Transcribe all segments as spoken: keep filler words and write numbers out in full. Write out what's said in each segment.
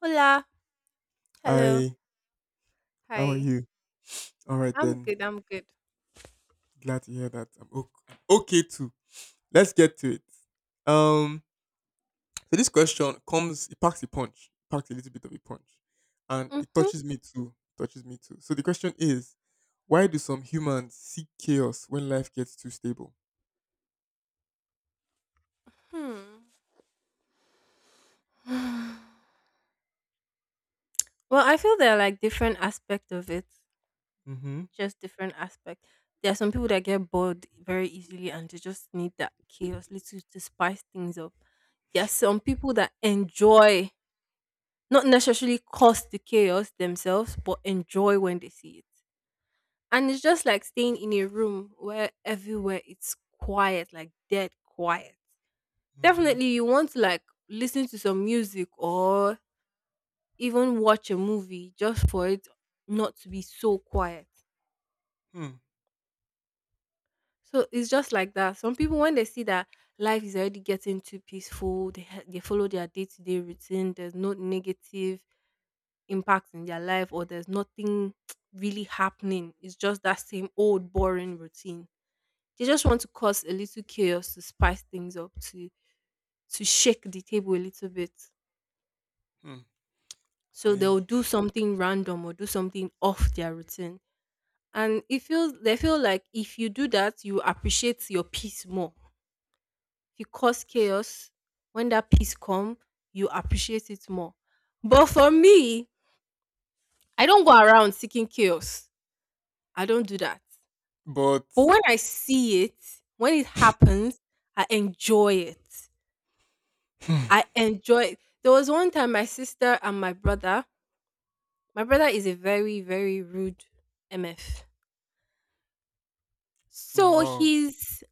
Hola. Hello. Hi, how are Hi. you? All right I'm then. good. I'm good. Glad to hear that. I'm okay, I'm okay too. Let's get to it. Um, so this question comes, it packs a punch, packs a little bit of a punch, and it Mm-hmm. touches me too. Touches me too. So the question is, why do some humans seek chaos when life gets too stable? Hmm. Well, I feel there are like different aspects of it, Mm-hmm. just different aspects. There are some people that get bored very easily and they just need that chaos little to spice things up. There are some people that enjoy, not necessarily cause the chaos themselves, but enjoy when they see it. And it's just like staying in a room where everywhere it's quiet, like dead quiet. Mm-hmm. Definitely you want to like listen to some music or even watch a movie just for it not to be so quiet. Hmm. So it's just like that. Some people when they see that life is already getting too peaceful, they ha- they follow their day-to-day routine, there's no negative impact in their life or there's nothing really happening. It's just that same old boring routine. They just want to cause a little chaos to spice things up to to shake the table a little bit. Hmm. So I. they'll do something random or do something off their routine, and it feels they feel like if you do that you appreciate your peace more. If you cause chaos, when that peace come, you appreciate it more. But for me, I don't go around seeking chaos. I don't do that. But. But when I see it, when it happens, I enjoy it. Hmm. I enjoy it. There was one time my sister and my brother. My brother is a very very rude mf. Now, So wow. he's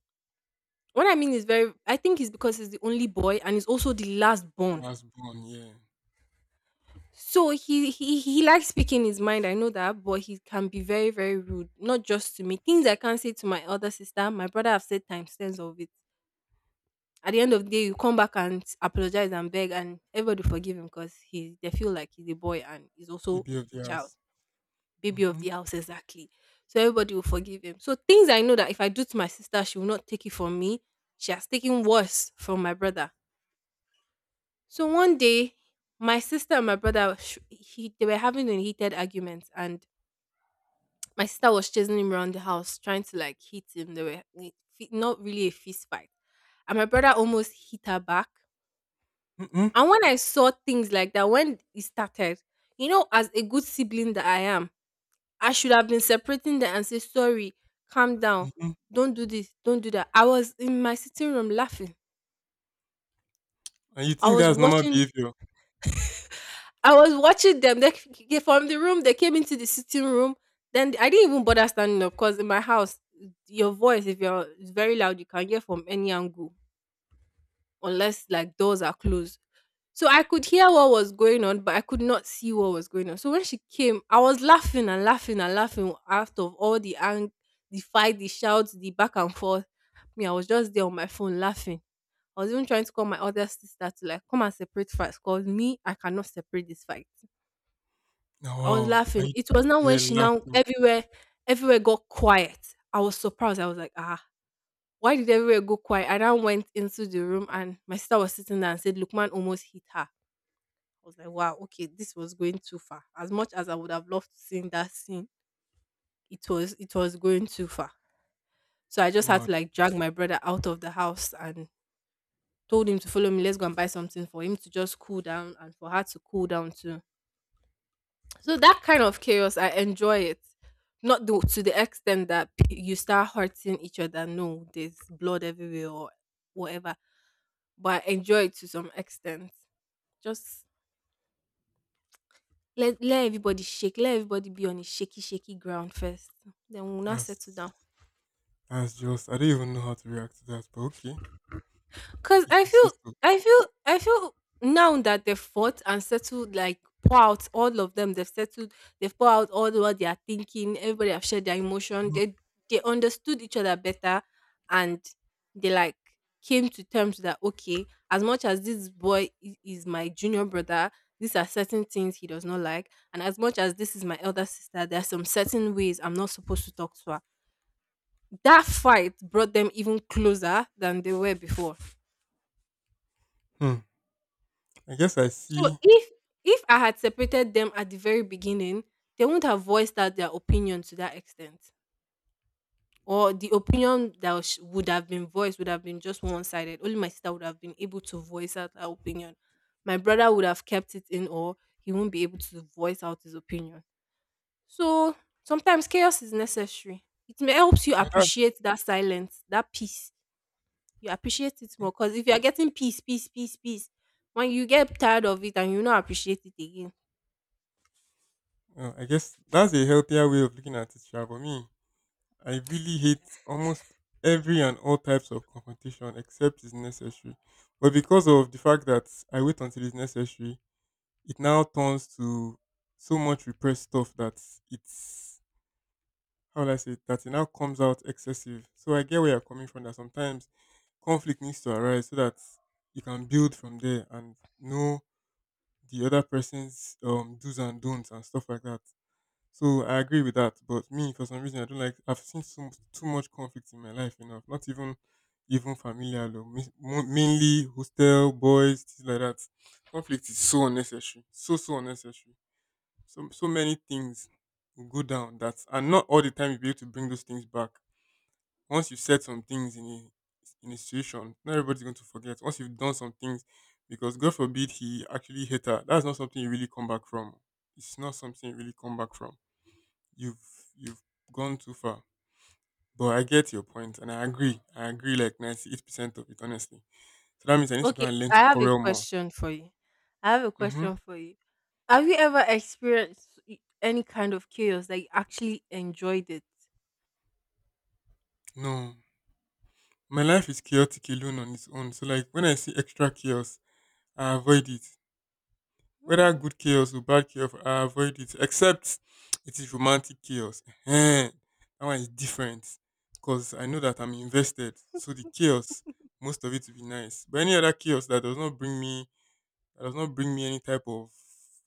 What I mean is very, I think it's because he's the only boy and he's also the last born. Last born, yeah. So he he he likes speaking his mind, I know that, but he can be very, very rude. Not just to me. Things I can't say to my other sister, my brother have said times tens of it. At the end of the day, you come back and apologize and beg and everybody forgive him because he they feel like he's a boy and he's also Baby of a the child. house. Baby of Mm-hmm. the house, exactly. So everybody will forgive him. So things I know that if I do to my sister, she will not take it from me. She has taken worse from my brother. So one day, my sister and my brother, sh- he, they were having a heated argument, and my sister was chasing him around the house, trying to like hit him. They were like, fi- not really a fist fight, and my brother almost hit her back. Mm-hmm. And when I saw things like that, when it started, you know, as a good sibling that I am, I should have been separating them and say, sorry, calm down. Mm-hmm. Don't do this. Don't do that. I was in my sitting room laughing. And you I think was that's normal watching behavior? I was watching them. They c- from the room, they came into the sitting room. Then I didn't even bother standing up because in my house, your voice, if you're it's very loud, you can hear from any angle, unless like doors are closed. So I could hear what was going on, but I could not see what was going on. So when she came, I was laughing and laughing and laughing out of all the ang- the fight, the shouts, the back and forth. Me, I was just there on my phone laughing. I was even trying to call my other sister to like come and separate fights. Cause me, I cannot separate this fight. Oh, I was wow. And laughing. you, It was now you when were she now laughing. everywhere, everywhere got quiet. I was surprised. I was like, ah, why did everywhere go quiet? I then went into the room and my sister was sitting there and said, Lukman almost hit her. I was like, wow, okay, this was going too far. As much as I would have loved to sing that scene, it was it was going too far. So I just had Mad. to like drag my brother out of the house and told him to follow me. Let's go and buy something for him to just cool down and for her to cool down too. So that kind of chaos, I enjoy it. Not the, to the extent that p- you start hurting each other. No, there's blood everywhere or whatever. But I enjoy it to some extent. Just let let everybody shake. Let everybody be on a shaky, shaky ground first. Then we'll not settle That's, down. that's just, I don't even know how to react to that, but okay. Cause If I you say feel, so. I feel, I feel now that they've fought and settled, like pour out all of them. They've settled. They've poured out all what they are thinking. Everybody have shared their emotion. Mhm. They they understood each other better, and they like came to terms that okay, as much as this boy i- is my junior brother, these are certain things he does not like, and as much as this is my elder sister, there are some certain ways I'm not supposed to talk to her. That fight brought them even closer than they were before. Hmm. I guess I So see. if if I had separated them at the very beginning, they wouldn't have voiced out their opinion to that extent. Or the opinion that was- would have been voiced would have been just one sided. Only my sister would have been able to voice out her opinion. My brother would have kept it in, or he won't be able to voice out his opinion. So sometimes chaos is necessary. It may helps you I have- appreciate that silence, that peace. You appreciate it more because if you are getting peace, peace, peace, peace, when you get tired of it and you not appreciate it again, uh, I guess that's a healthier way of looking at it, sha. For me, I really hate almost every and all types of confrontation except it's necessary. But because of the fact that I wait until it's necessary, it now turns to so much repressed stuff that it's how will I say it, that it now comes out excessive. So I get where you're coming from that sometimes conflict needs to arise so that you can build from there and know the other person's um do's and don'ts and stuff like that. So I agree with that. But me for some reason I don't like I've seen so too much conflict in my life enough. Not even even familial though. Mi- mo- Mainly hostel, boys, things like that. Conflict is so unnecessary. So so unnecessary so so many things will go down that and not all the time you'll be able to bring those things back. Once you said some things in a in a situation, not everybody's going to forget. Once you've done some things, because God forbid he actually hit her, that's not something you really come back from. It's not something you really come back from. You've you've gone too far. But I get your point and I agree. I agree like ninety eight percent of it honestly. So that means I need to go okay, and learn I to have a quarrel more. question for you. I have a Mm-hmm. question for you. Have you ever experienced y- any kind of chaos that you actually enjoyed it? No. My life is chaotic alone on its own. So like when I see extra chaos, I avoid it. Whether Hmm. good chaos or bad chaos, I avoid it. Except it is romantic chaos. Ehen. That one is different because I know that I'm invested. So the chaos, most of it will be nice. But any other chaos that does not bring me, that does not bring me any type of,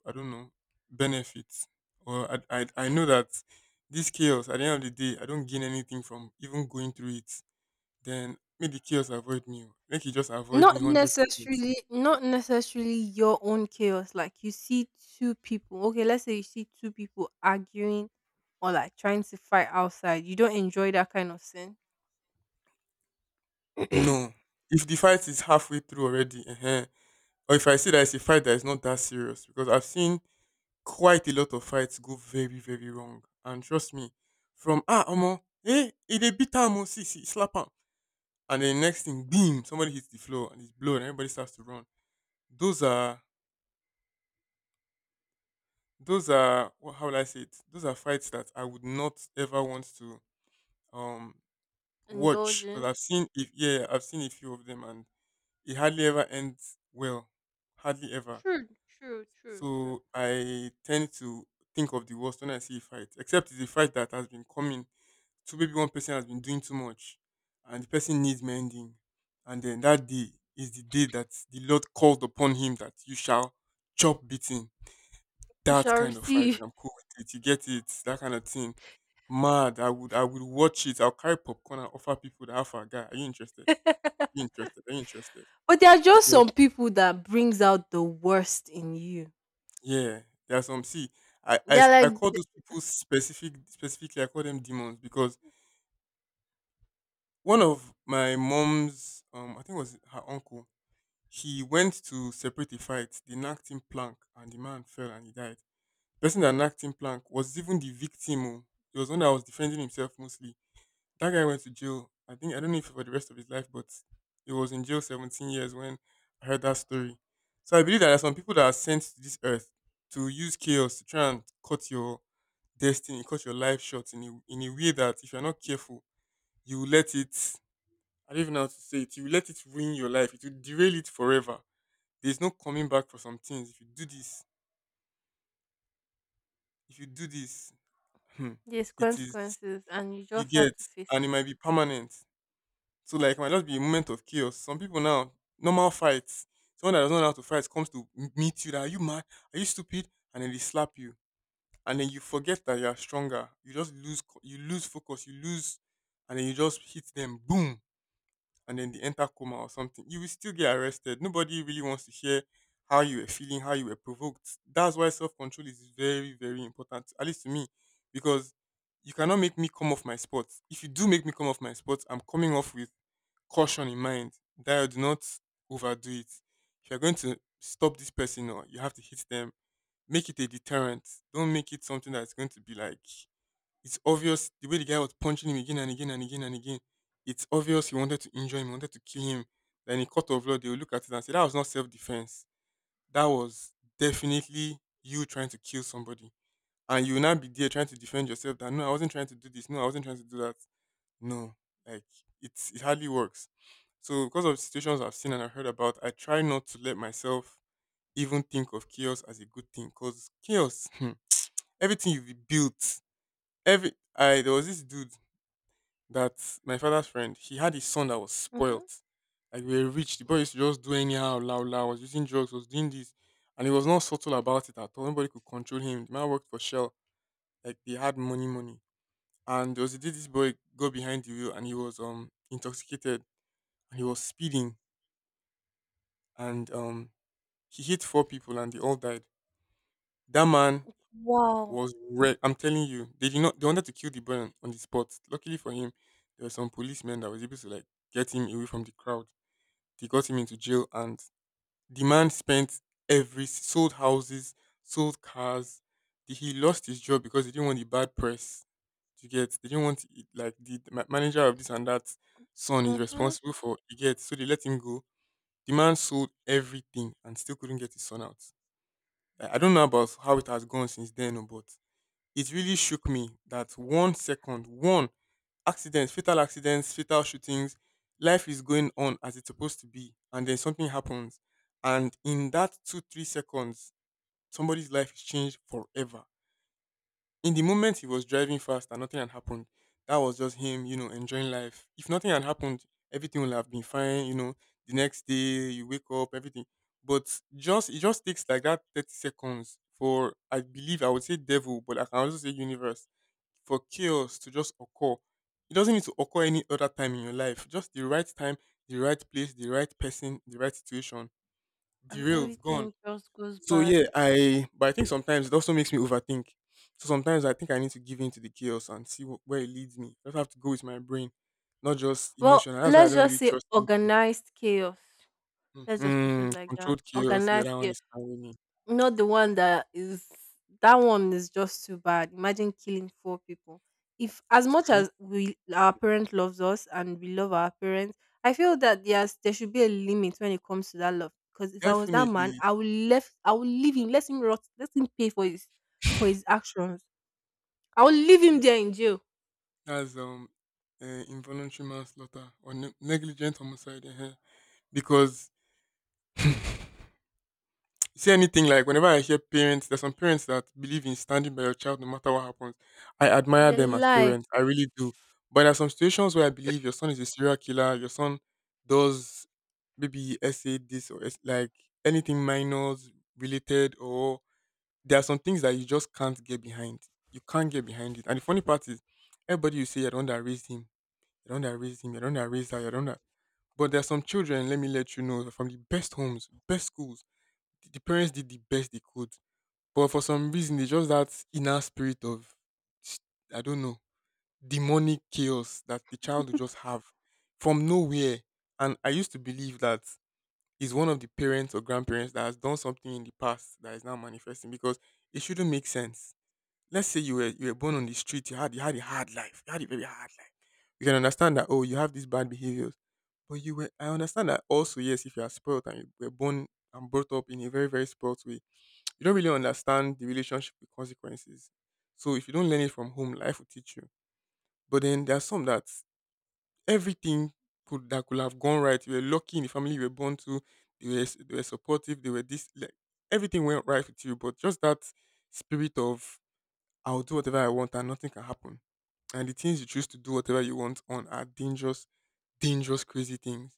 I don't know, benefit, or I, I, I know that this chaos at the end of the day, I don't gain anything from even going through it. Then make the chaos avoid me. Make it just avoid Not me hundred percent. necessarily, not necessarily your own chaos. Like you see two people. Okay, let's say you see two people arguing or like trying to fight outside. You don't enjoy that kind of scene. No. If the fight is halfway through already, uh or if I see that it's a fight that is not that serious, because I've seen quite a lot of fights go very, very wrong. And trust me, from ah omo, eh, e dey beat am oh, see, see, slap am, and then next thing, boom, somebody hits the floor and it's blown, and everybody starts to run. Those are those are wha- how will I say it? Those are fights that I would not ever want to um watch because Indulging. I've seen if yeah, I've seen a few of them and it hardly ever ends well, hardly ever. True, true, true, true. So I tend to think of the worst when I see a fight, except it's a fight that has been coming. So maybe one person has been doing too much and the person needs mending. And then that day is the day that the Lord called upon him that you shall chop beating. You That shall kind of fight. receive. I'm cool with it. You get it? That kind of thing. Mad. I would I would watch it. I'll carry popcorn and offer people the alpha guy. Are you interested? Are you interested? Are you interested? But there are just Because some people that brings out the worst in you. yeah, there are some. See, I, I They're sp- I like call th- those people specific specifically. I call them demons because one of my mom's um I think it was her uncle. He went to separate a fight. They knocked him plank, and the man fell and he died. The person that knocked him plank was even the victim. Oh. He was the one that was defending himself mostly. That guy went to jail. I think I don't know if for the rest of his life, but he was in jail seventeen years when I heard that story. So I believe that there are some people that are sent to this earth to use chaos to try and cut your destiny, cut your life short in a, in a way that if you're not careful, you will let it. I don't even know how to say it. You will let it ruin your life. It will derail it forever. There's no coming back for some things. If you do this, if you do this, hmm, there's it is consequences, and you you just have get, to face and it it. might be permanent. So like it might just be a moment of chaos. Some people now, normal fights, someone that doesn't know how to fight comes to m- meet you. That are you mad? Are you stupid? And then they slap you, and then you forget that you are stronger. You just lose, co- you lose focus, you lose, and then you just hit them. Boom and then they enter coma or something, you will still get arrested. Nobody really wants to hear how you were feeling, how you were provoked. That's why self control is very, very important, at least to me, because you cannot make me come off my spot. If you do make me come off my spot, I'm coming off with caution in mind that you do not overdo it. If you're going to stop this person or you have to hit them, make it a deterrent. Don't make it something that's going to be like it's obvious the way the guy was punching him again and again and again and again. It's obvious he wanted to injure him, he wanted to kill him. Then in court of law, they will look at it and say that was not self defense. That was definitely you trying to kill somebody. And you will not be there trying to defend yourself that no, I wasn't trying to do this. No, I wasn't trying to do that. No, like it's it hardly works. So because of situations I've seen and I've heard about, I try not to let myself even think of chaos as a good thing. Cause chaos, everything you've built, every I there was this dude that my father's friend, he had his son that was Hmm. spoilt. Like we were rich. The boy used to just do anyhow, la la, was using drugs, was doing this. And he was not subtle about it at all. Nobody could control him. The man worked for Shell. Like they had money, money. And there was a day this boy got behind the wheel and he was um intoxicated and he was speeding and um he hit four people and they all died. That man Wow. was wrecked. I'm telling you, they did not they wanted to kill the boy on on the spot. Luckily for him, there were some policemen that was able to like get him away from the crowd. They got him into jail, and the man spent every sold houses, sold cars. The- He lost his job because he didn't want the bad press to get. They didn't want it, like the ma- manager of this and that son is Hmm. responsible for you get. So they let him go. The man sold everything and still couldn't get his son out. I I don't know about how it has gone since then, oh, but it really shook me that one second, one accidents, fatal accidents, fatal shootings. Life is going on as it's supposed to be, and then something happens, and in that two three seconds, somebody's life is changed forever. In the moment he was driving fast and nothing had happened, that was just him, you know, enjoying life. If nothing had happened, everything would have been fine, you know. The next day you wake up, everything. But just it just takes like that thirty seconds for I believe I would say devil, but I can also say universe for chaos to just occur. It doesn't need to occur any other time in your life. Just the right time, the right place, the right person, the right situation. And Derailed, gone. everything just goes So bad. yeah, I but I think sometimes it also makes me overthink. So sometimes I think I need to give in to the chaos and see wh- where it leads me. I just have to go with my brain, not just Well, emotion. And that's why I let's don't just really say trust. Emotion. organized chaos. Let's just put it Mm-hmm. like that. Controlled chaos. Yeah, Organized that one chaos. is fine with me. Not the one that is, that one is just too bad. Imagine killing four people. If as much Right? as we our parent loves us and we love our parents, I feel that yes, there should be a limit when it comes to that love. Because if I was that man, Definitely. I would left I would leave him, let him rot, let him pay for his for his actions. I would leave him there in jail. That's um uh, involuntary manslaughter or ne- negligent homicide. uh Because, you see, anything, like whenever I hear parents, there's some parents that believe in standing by your child no matter what happens. I admire The them as lie. parents. I really do. But there are some situations where I believe your son is a serial killer, your son does maybe essay this or es- like anything minors related, or there are some things that you just can't get behind. You can't get behind it. And the funny part is, everybody, you say you're the one that raised him, you're the one that raised him, you're the one that raised her, you're the one that, but there are some children, let me let you know, they're from the best homes, best schools, the the parents did the best they could, but for some reason there's just that inner spirit of s- I don't know, demonic chaos that the child will just have from nowhere. And I used to believe that it's one of the parents or grandparents that has done something in the past that is now manifesting, because it shouldn't make sense. Let's say you were you were born on the street, you had you had a hard life, you had a very hard life. You can understand that, oh, you have these bad behaviors, but you were, I understand that also, yes, if you are spoiled and you were born and brought up in a very very spoiled way, you don't really understand the relationship with consequences. So if you don't learn it from home, life will teach you. But then there are some that everything could that could have gone right. You were lucky in the family you were born to. They were s- they were supportive. They were this, like, everything went right with you. But just that spirit of I'll do whatever I want and nothing can happen. And the things you choose to do whatever you want on are dangerous, dangerous, crazy things.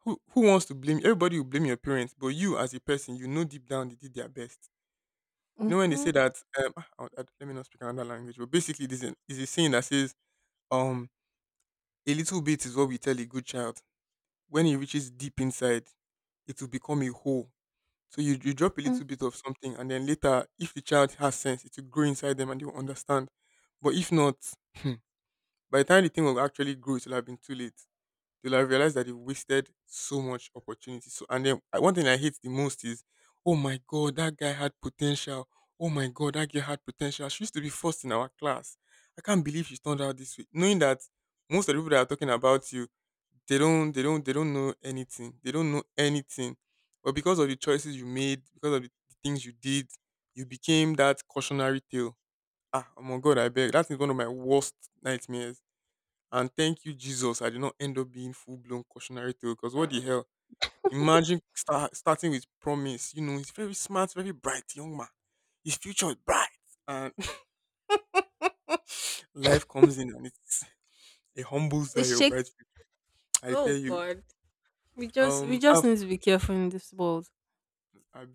Who who wants to blame? Everybody will blame your parents, but you as a person, you know deep down they did their best. You know when they Mm-hmm. say that um ah, I, I, let me not speak another language, but basically this is is a saying that says um a little bit is what we tell a good child. When it reaches deep inside, it will become a hole. So you, you drop a Mm. little bit of something and then later if the child has sense, it will grow inside them and they will understand. But if not, by the time the thing will actually grow, it will have been too late till I realized that they wasted so much opportunity. So and then I- one thing I hate the most is, oh my god, that guy had potential. Oh my god, that girl had potential. She used to be first in our class. I can't believe she turned out this way. Knowing that most of the people that are talking about you, they don't, they don't, they don't know anything. They don't know anything. But because of the choices you made, because of the things you did, you became that cautionary tale. Ah, oh my god, I beg. That is one of my worst nightmares, and thank you, Jesus, I did not end up being full blown cautionary tale, because what the hell? Imagine start, starting with promise. You know, he's very smart, very bright young man. His future is bright. And life comes in and it's, it humbles It that your bright shakes. future. I tell Oh you. God, we just we Um, I'll, just need to be careful in this world. I'll,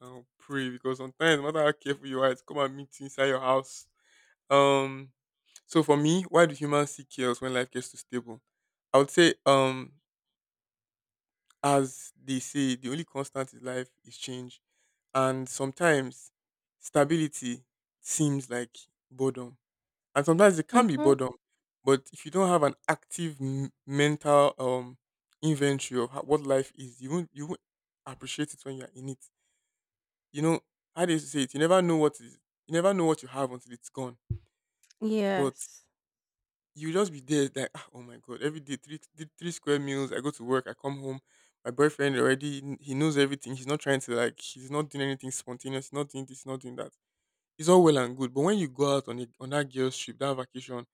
I'll pray because sometimes, no matter how careful you are, it's come and meet you inside your house. Um, so for me, why do humans seek chaos when life gets too stable? I would say, um, as they say, the only constant in life is change. And sometimes stability seems like boredom. And sometimes it can be Mm-hmm. boredom. But if you don't have an active m- mental um, inventory of ho- what life is, you won't, you won't appreciate it when you're in it. You know, how do you say it? You never know what is, you never know what you have until it's gone. But Yes, you just be there like, "Ah, oh my god, every day three, three three square meals, I go to work, I come home, my boyfriend already kn- he knows everything, he's not trying to, like, he's not doing anything spontaneous, he's not doing this, he's not doing that, it's all well and good, but when you go out on a, on that girl's trip, that vacation,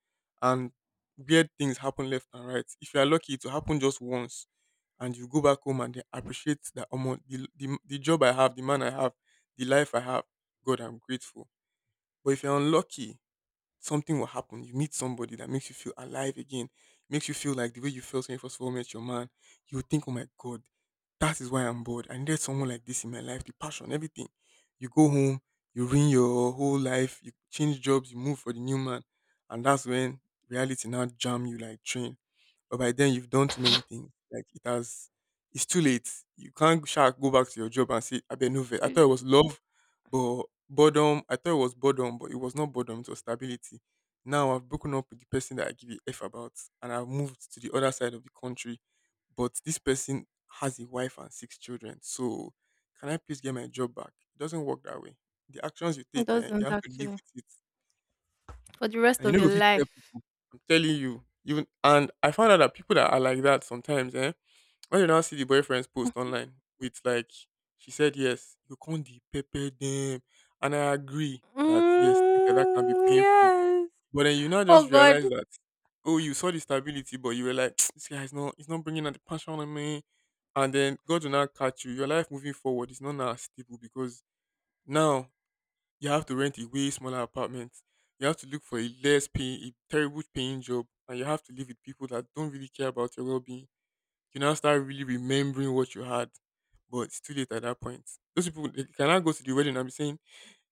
and weird things happen left and right, if you are lucky it will happen just once, and you go back home and they appreciate that um, the, the the job I have, the man I have, the life I have, god, I'm grateful. But if you're unlucky, something will happen. You meet somebody that makes you feel alive again, makes you feel like the way you felt when you first of all met your man. You would think, oh my God, that is why I'm bored. I needed someone like this in my life, the passion, everything. You go home, you ruin your whole life, you change jobs, you move for the new man. And that's when reality now jam you like train. But by then you've done too many things. Like, it has, it's too late. You can't sha go back to your job and say, I bet no vet. I thought it was truly. love. But boredom, I thought it was boredom, but it was not boredom, it was stability. Now I've broken up with the person that I give a F about, and I've moved to the other side of the country. But this person has a wife and six children. So can I please get my job back? It doesn't work that way. The actions you It take, eh, you doesn't have to live actually. with it. For the rest And you of know, your if you tell life. people, I'm telling you, even, and I found out that people that are like that sometimes, eh? When you now see the boyfriend's post online with, like, she said yes, you can't the pepper them, and I agree that yes, things like that can be Mm, painful. yes. But then you now Oh just God. realize that, oh, you saw the stability, but you were like, this guy is not, he's not bringing out the passion on me. And then God will now catch you. Your life moving forward is not now stable because now you have to rent a way smaller apartment. You have to look for a less paying, a terrible paying job, and you have to live with people that don't really care about your well being. You now start really remembering what you had, but it's too late at that point. Those people, they can go to the wedding and be saying,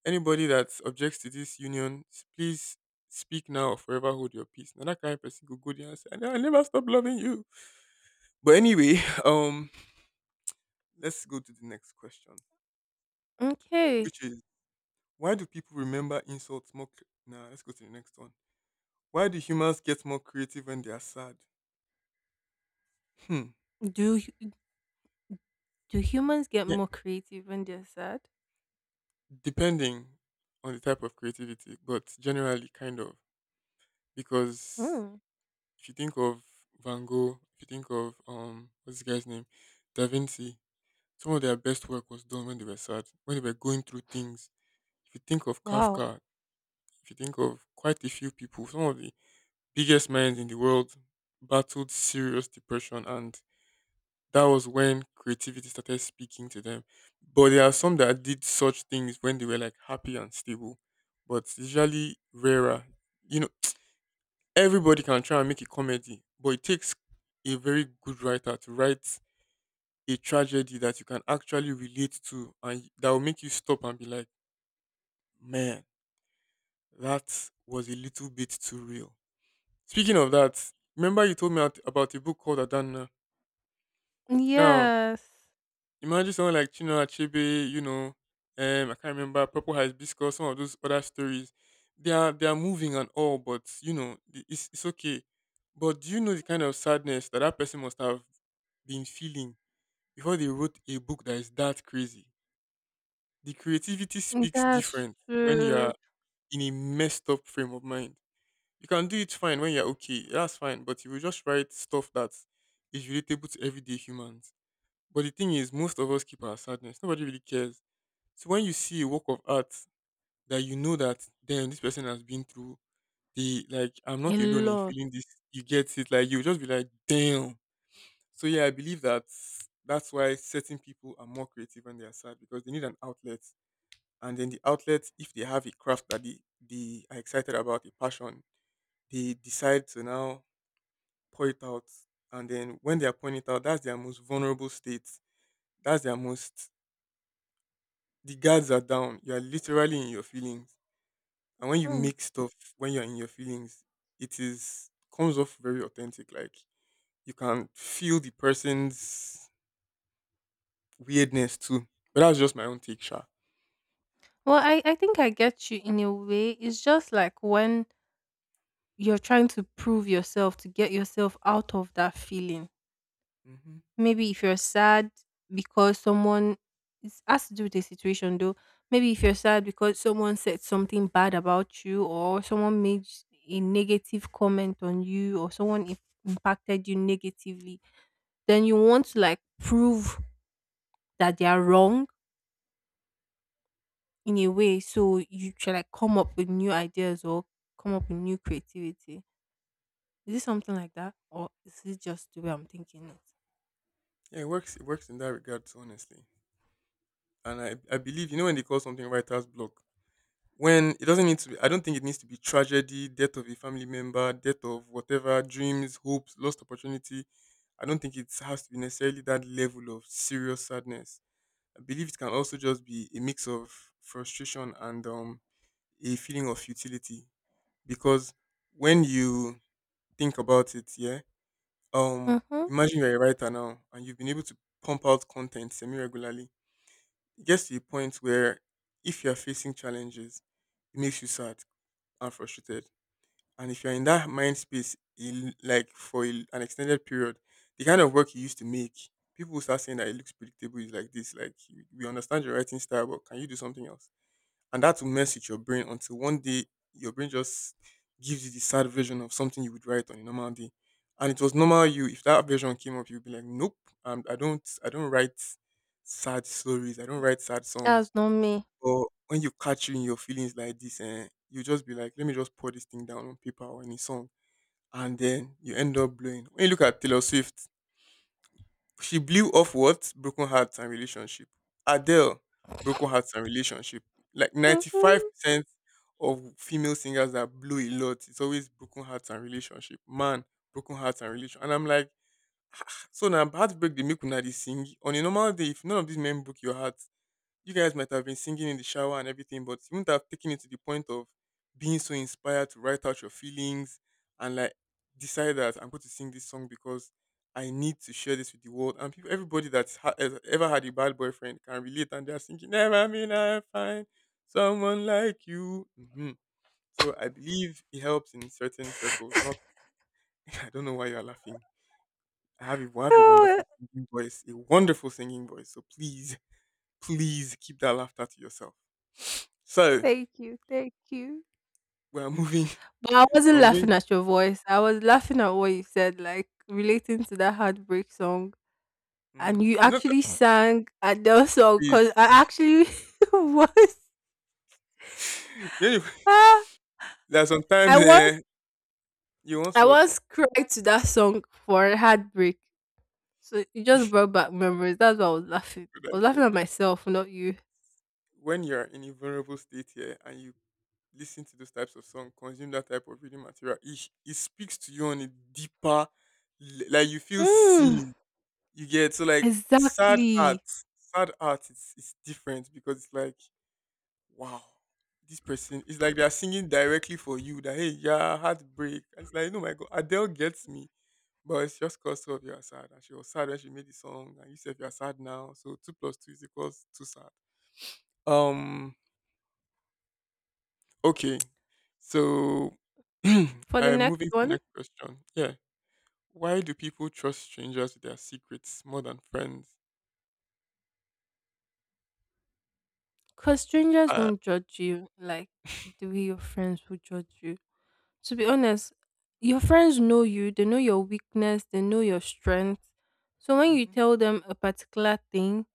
anybody that objects to this union, s- please speak now or forever hold your peace. Now that kind of person could go there and say, I will never stop loving you. But anyway, um, let's go to the next question, Okay. which is, why do people remember insults more? cl- Nah, let's go to the next one. Why do humans get more creative when they are sad? Hmm. Do hu- do humans get Yeah, more creative when they're sad? depending on the type of creativity, but generally kind of, because Hmm. if you think of Van Gogh, if you think of um what's this guy's name? Da Vinci, some of their best work was done when they were sad, when they were going through things. If you think of Wow. Kafka, if you think of quite a few people, some of the biggest minds in the world battled serious depression, and that was when creativity started speaking to them. But there are some that did such things when they were, like, happy and stable. But it's usually rarer. You know, everybody can try and make a comedy, but it takes a very good writer to write a tragedy that you can actually relate to and y- that will make you stop and be like, man, that was a little bit too real. Speaking of that, remember you told me at- about a book called Adana. Now, Yes. imagine someone like Chinua Achebe, you know, um, I can't remember, Purple Hibiscus, some of those other stories. They are, they are moving and all, but, you know, the- it's, it's okay. But do you know the kind of sadness that that person must have been feeling before they wrote a book that is that crazy. The creativity speaks That's different when true. you're in a messed up frame of mind. You can do it fine when you're okay, that's fine, but you will just write stuff that is relatable to everyday humans. But the thing is, most of us keep our sadness. Nobody really cares. So when you see a work of art that you know that then this person has been through, they like, I'm A not alone in lot. feeling this. You get it? Like you just be like, damn. So yeah, I believe that that's why certain people are more creative when they are sad because they need an outlet. And then the outlet, if they have a craft that they, they are excited about, a passion, they decide to now pour it out. And then when they are pouring it out, that's their most vulnerable state. That's their most The guards are down. You are literally in your feelings. And when you Hmm. make stuff when you're in your feelings, it is comes off very authentic. Like you can feel the person's weirdness too. But that's just my own take, Sha. Well, I, I think I get you in a way. It's just like when you're trying to prove yourself to get yourself out of that feeling. Hmm. Maybe if you're sad because someone, it has to do with the situation though. Maybe if you're sad because someone said something bad about you or someone made a negative comment on you or someone im- impacted you negatively, then you want to like prove that they are wrong in a way, so you should like come up with new ideas or come up with new creativity. Is it something like that? Or is it just the way I'm thinking it? Yeah, it works. It works in that regard, too, honestly. And I, I believe you know when they call something writer's block, when it doesn't need to be. I don't think it needs to be tragedy, death of a family member, death of whatever dreams, hopes, lost opportunity. I don't think it has to be necessarily that level of serious sadness. I believe it can also just be a mix of frustration and um, a feeling of futility. Because when you think about it, yeah, Um, Mm-hmm. imagine you're a writer now and you've been able to pump out content semi regularly. It gets to a point where if you're facing challenges, it makes you sad and frustrated. And if you're in that mind space, il- like for a- l- an extended period, the kind of work you used to make, people will start saying that it looks predictable. It's like this, like we we understand your writing style, but can you do something else? And that will mess with your brain until one day your brain just gives you the sad version of something you would write on a normal day. And it was normal you. If that version came up, you'd be like, "Nope, um, I don't, I don't write sad stories. I don't write sad songs." That's not me. But when you catch you in your feelings like this, and you just be like, "Let me just pour this thing down on paper or in a song," and then you end up blowing. When you look at Taylor Swift, she blew off what? Broken hearts and relationship. Adele, broken hearts and relationship. Like Mm-hmm. ninety-five percent of female singers that blow a lot, it's always broken hearts and relationship. Man, broken hearts and relationship. And I'm like, so now heartbreak they make una they sing. On a normal day, if none of these men broke your heart, you guys might have been singing in the shower and everything, but you wouldn't have taken it to the point of being so inspired to write out your feelings and like decide that I'm going to sing this song because I need to share this with the world. And people, everybody that's ha- has ever had a bad boyfriend can relate, and they're thinking, "Never mean I find someone like you." Hmm. So I believe it helps in certain circles. Not, I don't know why you are laughing. I have a, I have a wonderful singing voice, a wonderful singing voice. So please. Please keep that laughter to yourself. So Thank you. Thank you. we're moving. But I wasn't We're moving. laughing at your voice. I was laughing at what you said, like relating to that heartbreak song. And Mm, you not that, actually sang at the song please. because I actually was, You know, ah, there are sometimes I was eh, you want I what was cried to that song for a heartbreak. So you just brought back memories. That's why I was laughing. should I I was laughing say? at myself, not you. When you're in a vulnerable state here and you listen to those types of song, consume that type of reading material, it, it speaks to you on a deeper, le- like you feel Mm, seen. You get so like sad art, exactly. sad art is, it's different because it's like wow, this person. It's like they are singing directly for you. That hey, yeah, heartbreak. And it's like, no, my God, Adele gets me. But it's just cause two of you are sad, and she was sad when she made the song, and you said you are sad now. So two plus two is equals too sad. Um. Okay. So For the I'm next moving to the one, next question. Yeah. Why do people trust strangers with their secrets more than friends? cause strangers Uh, won't judge you like the way your friends will judge you. To be honest, your friends know you, they know your weakness, they know your strength. So when you mm-hmm. tell them a particular thing,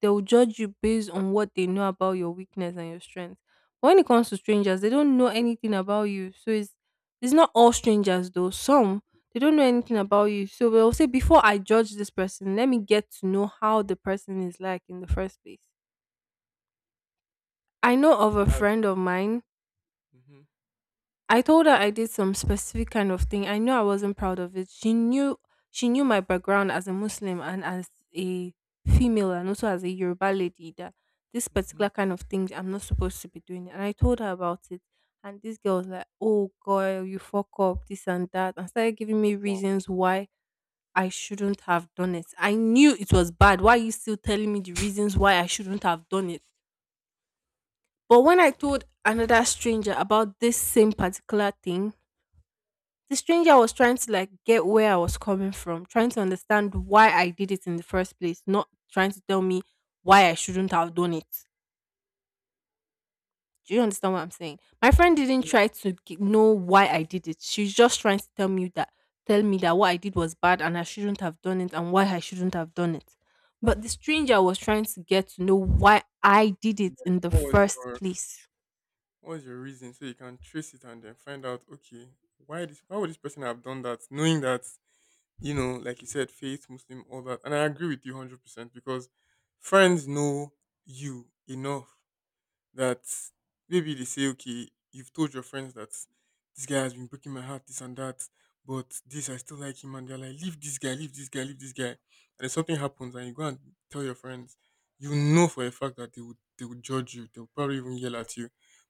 they'll judge you based on what they know about your weakness and your strength. But when it comes to strangers, they don't know anything about you. So it's it's not all strangers though. Some, they don't know anything about you. So they'll say, before I judge this person, let me get to know how the person is like in the first place. I know of a That's friend of true. mine. Mm-hmm. I told her I did some specific kind of thing. I knew I wasn't proud of it. She knew, she knew my background as a Muslim and as a female and also as a Yoruba lady, that this Mm-hmm. particular kind of thing I'm not supposed to be doing. And I told her about it. And this girl was like, oh girl, you fuck up, this and that, and started giving me Wow. reasons why I shouldn't have done it. I knew it was bad. Why are you still telling me the reasons why I shouldn't have done it? But when I told another stranger about this same particular thing, the stranger was trying to like get where I was coming from, trying to understand why I did it in the first place, not trying to tell me why I shouldn't have done it. Do you understand what I'm saying? My friend didn't Yeah. try to g- know why I did it. She's just trying to tell me that, tell me that what I did was bad and I shouldn't have done it and why I shouldn't have done it. But the stranger was trying to get to know why I did Yeah. it in the What was first your place. What's your reason? So you can trace it and then find out, okay, why this why would this person have done that? Knowing that, you know, like you said, faith, Muslim, all that. And I agree with you hundred percent because friends know you enough that maybe they say, okay, you've told your friends that this guy has been breaking my heart, this and that, but this, I still like him. And they're like, leave this guy, leave this guy, leave this guy. And if something happens and you go and tell your friends, you know for a fact that they would, they would judge you. They'll probably even yell at you.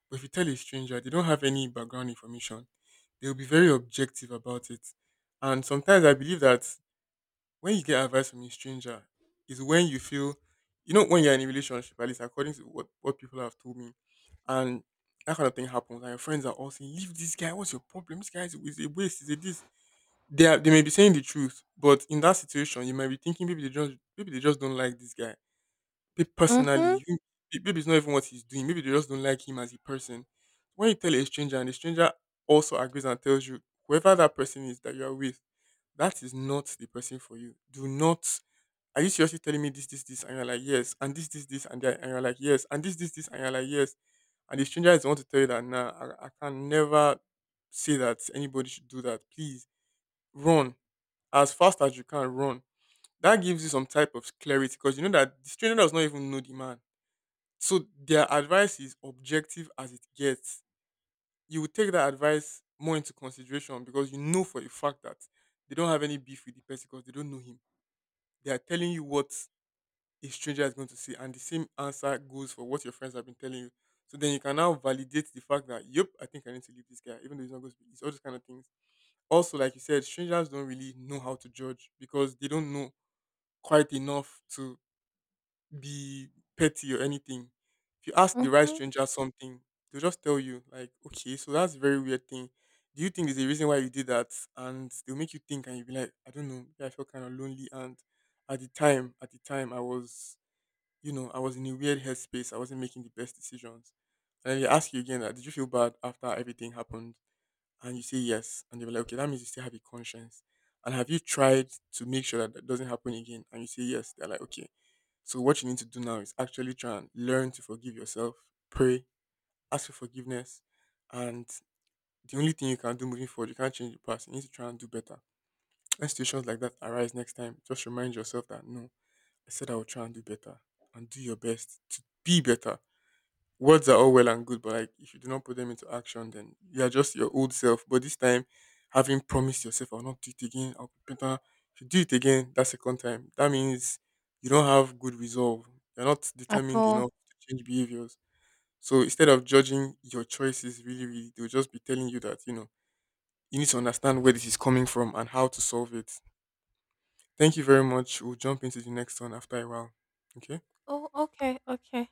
But if you tell a stranger, they don't have any background information. They'll be very objective about it. And sometimes I believe that when you get advice from a stranger is when you feel you know when you're in a relationship, at least according to what, what people have told me, and that kind of thing happens and your friends are all saying, leave this guy, what's your problem, this guy is, is a waste, is a this they are they may be saying the truth, but in that situation you might be thinking maybe they just maybe they just don't like this guy, maybe personally Mhm. you think- maybe it's not even what he's doing, maybe they just don't like him as a person. When you tell a stranger and the stranger also agrees and tells you whoever that person is that you are with, that is not the person for you. Do not Are you seriously telling me this, this, this? And you're like, yes. And this, this, this. And, they're- and you're like, yes. And this, this, this. And you're like, yes. And the stranger is the one to tell you that, nah, I, I can never say that anybody should do that. Please run as fast as you can. Run. That gives you some type of clarity because you know that the stranger does not even know the man. So their advice is objective as it gets. You will take that advice more into consideration because you know for a fact that they don't have any beef with the person because they don't know him. They are telling you what a stranger is going to say, and the same answer goes for what your friends have been telling you. So then you can now validate the fact that, yep, I think I need to leave this guy, even though he's not going to be. It's all those kind of things. Also, like you said, strangers don't really know how to judge because they don't know quite enough to be petty or anything. If you ask the right Mhm. stranger something, they'll just tell you, like, okay, so that's a very weird thing. Do you think there's a reason why you did that? And they'll make you think, and you'll be like, I don't know, maybe I felt kind of lonely and at the time, at the time, I was you know, I was in a weird headspace. I wasn't making the best decisions. And then they ask you again, that did you feel bad after everything happened? And you say yes. And they were like, okay, that means you still have a conscience. And have you tried to make sure that that doesn't happen again? And you say yes. They're like, okay. So what you need to do now is actually try and learn to forgive yourself, pray, ask for forgiveness. And the only thing you can do moving forward, you can't change the past. You need to try and do better. When situations like that arise next time, just remind yourself that no. I said I will try and do better and do your best to be better. Words are all well and good, but like if you do not put them into action, then you are just your old self. But this time, having promised yourself, I'll not do it again, I'll be better. If you do it again, that second time, that means you don't have good resolve. You're not At determined all. enough to change behaviors. So instead of judging your choices really, really, they'll just be telling you that, you know, you need to understand where this is coming from and how to solve it. Thank you very much. We'll jump into the next one after a while. Okay. Oh, okay, okay.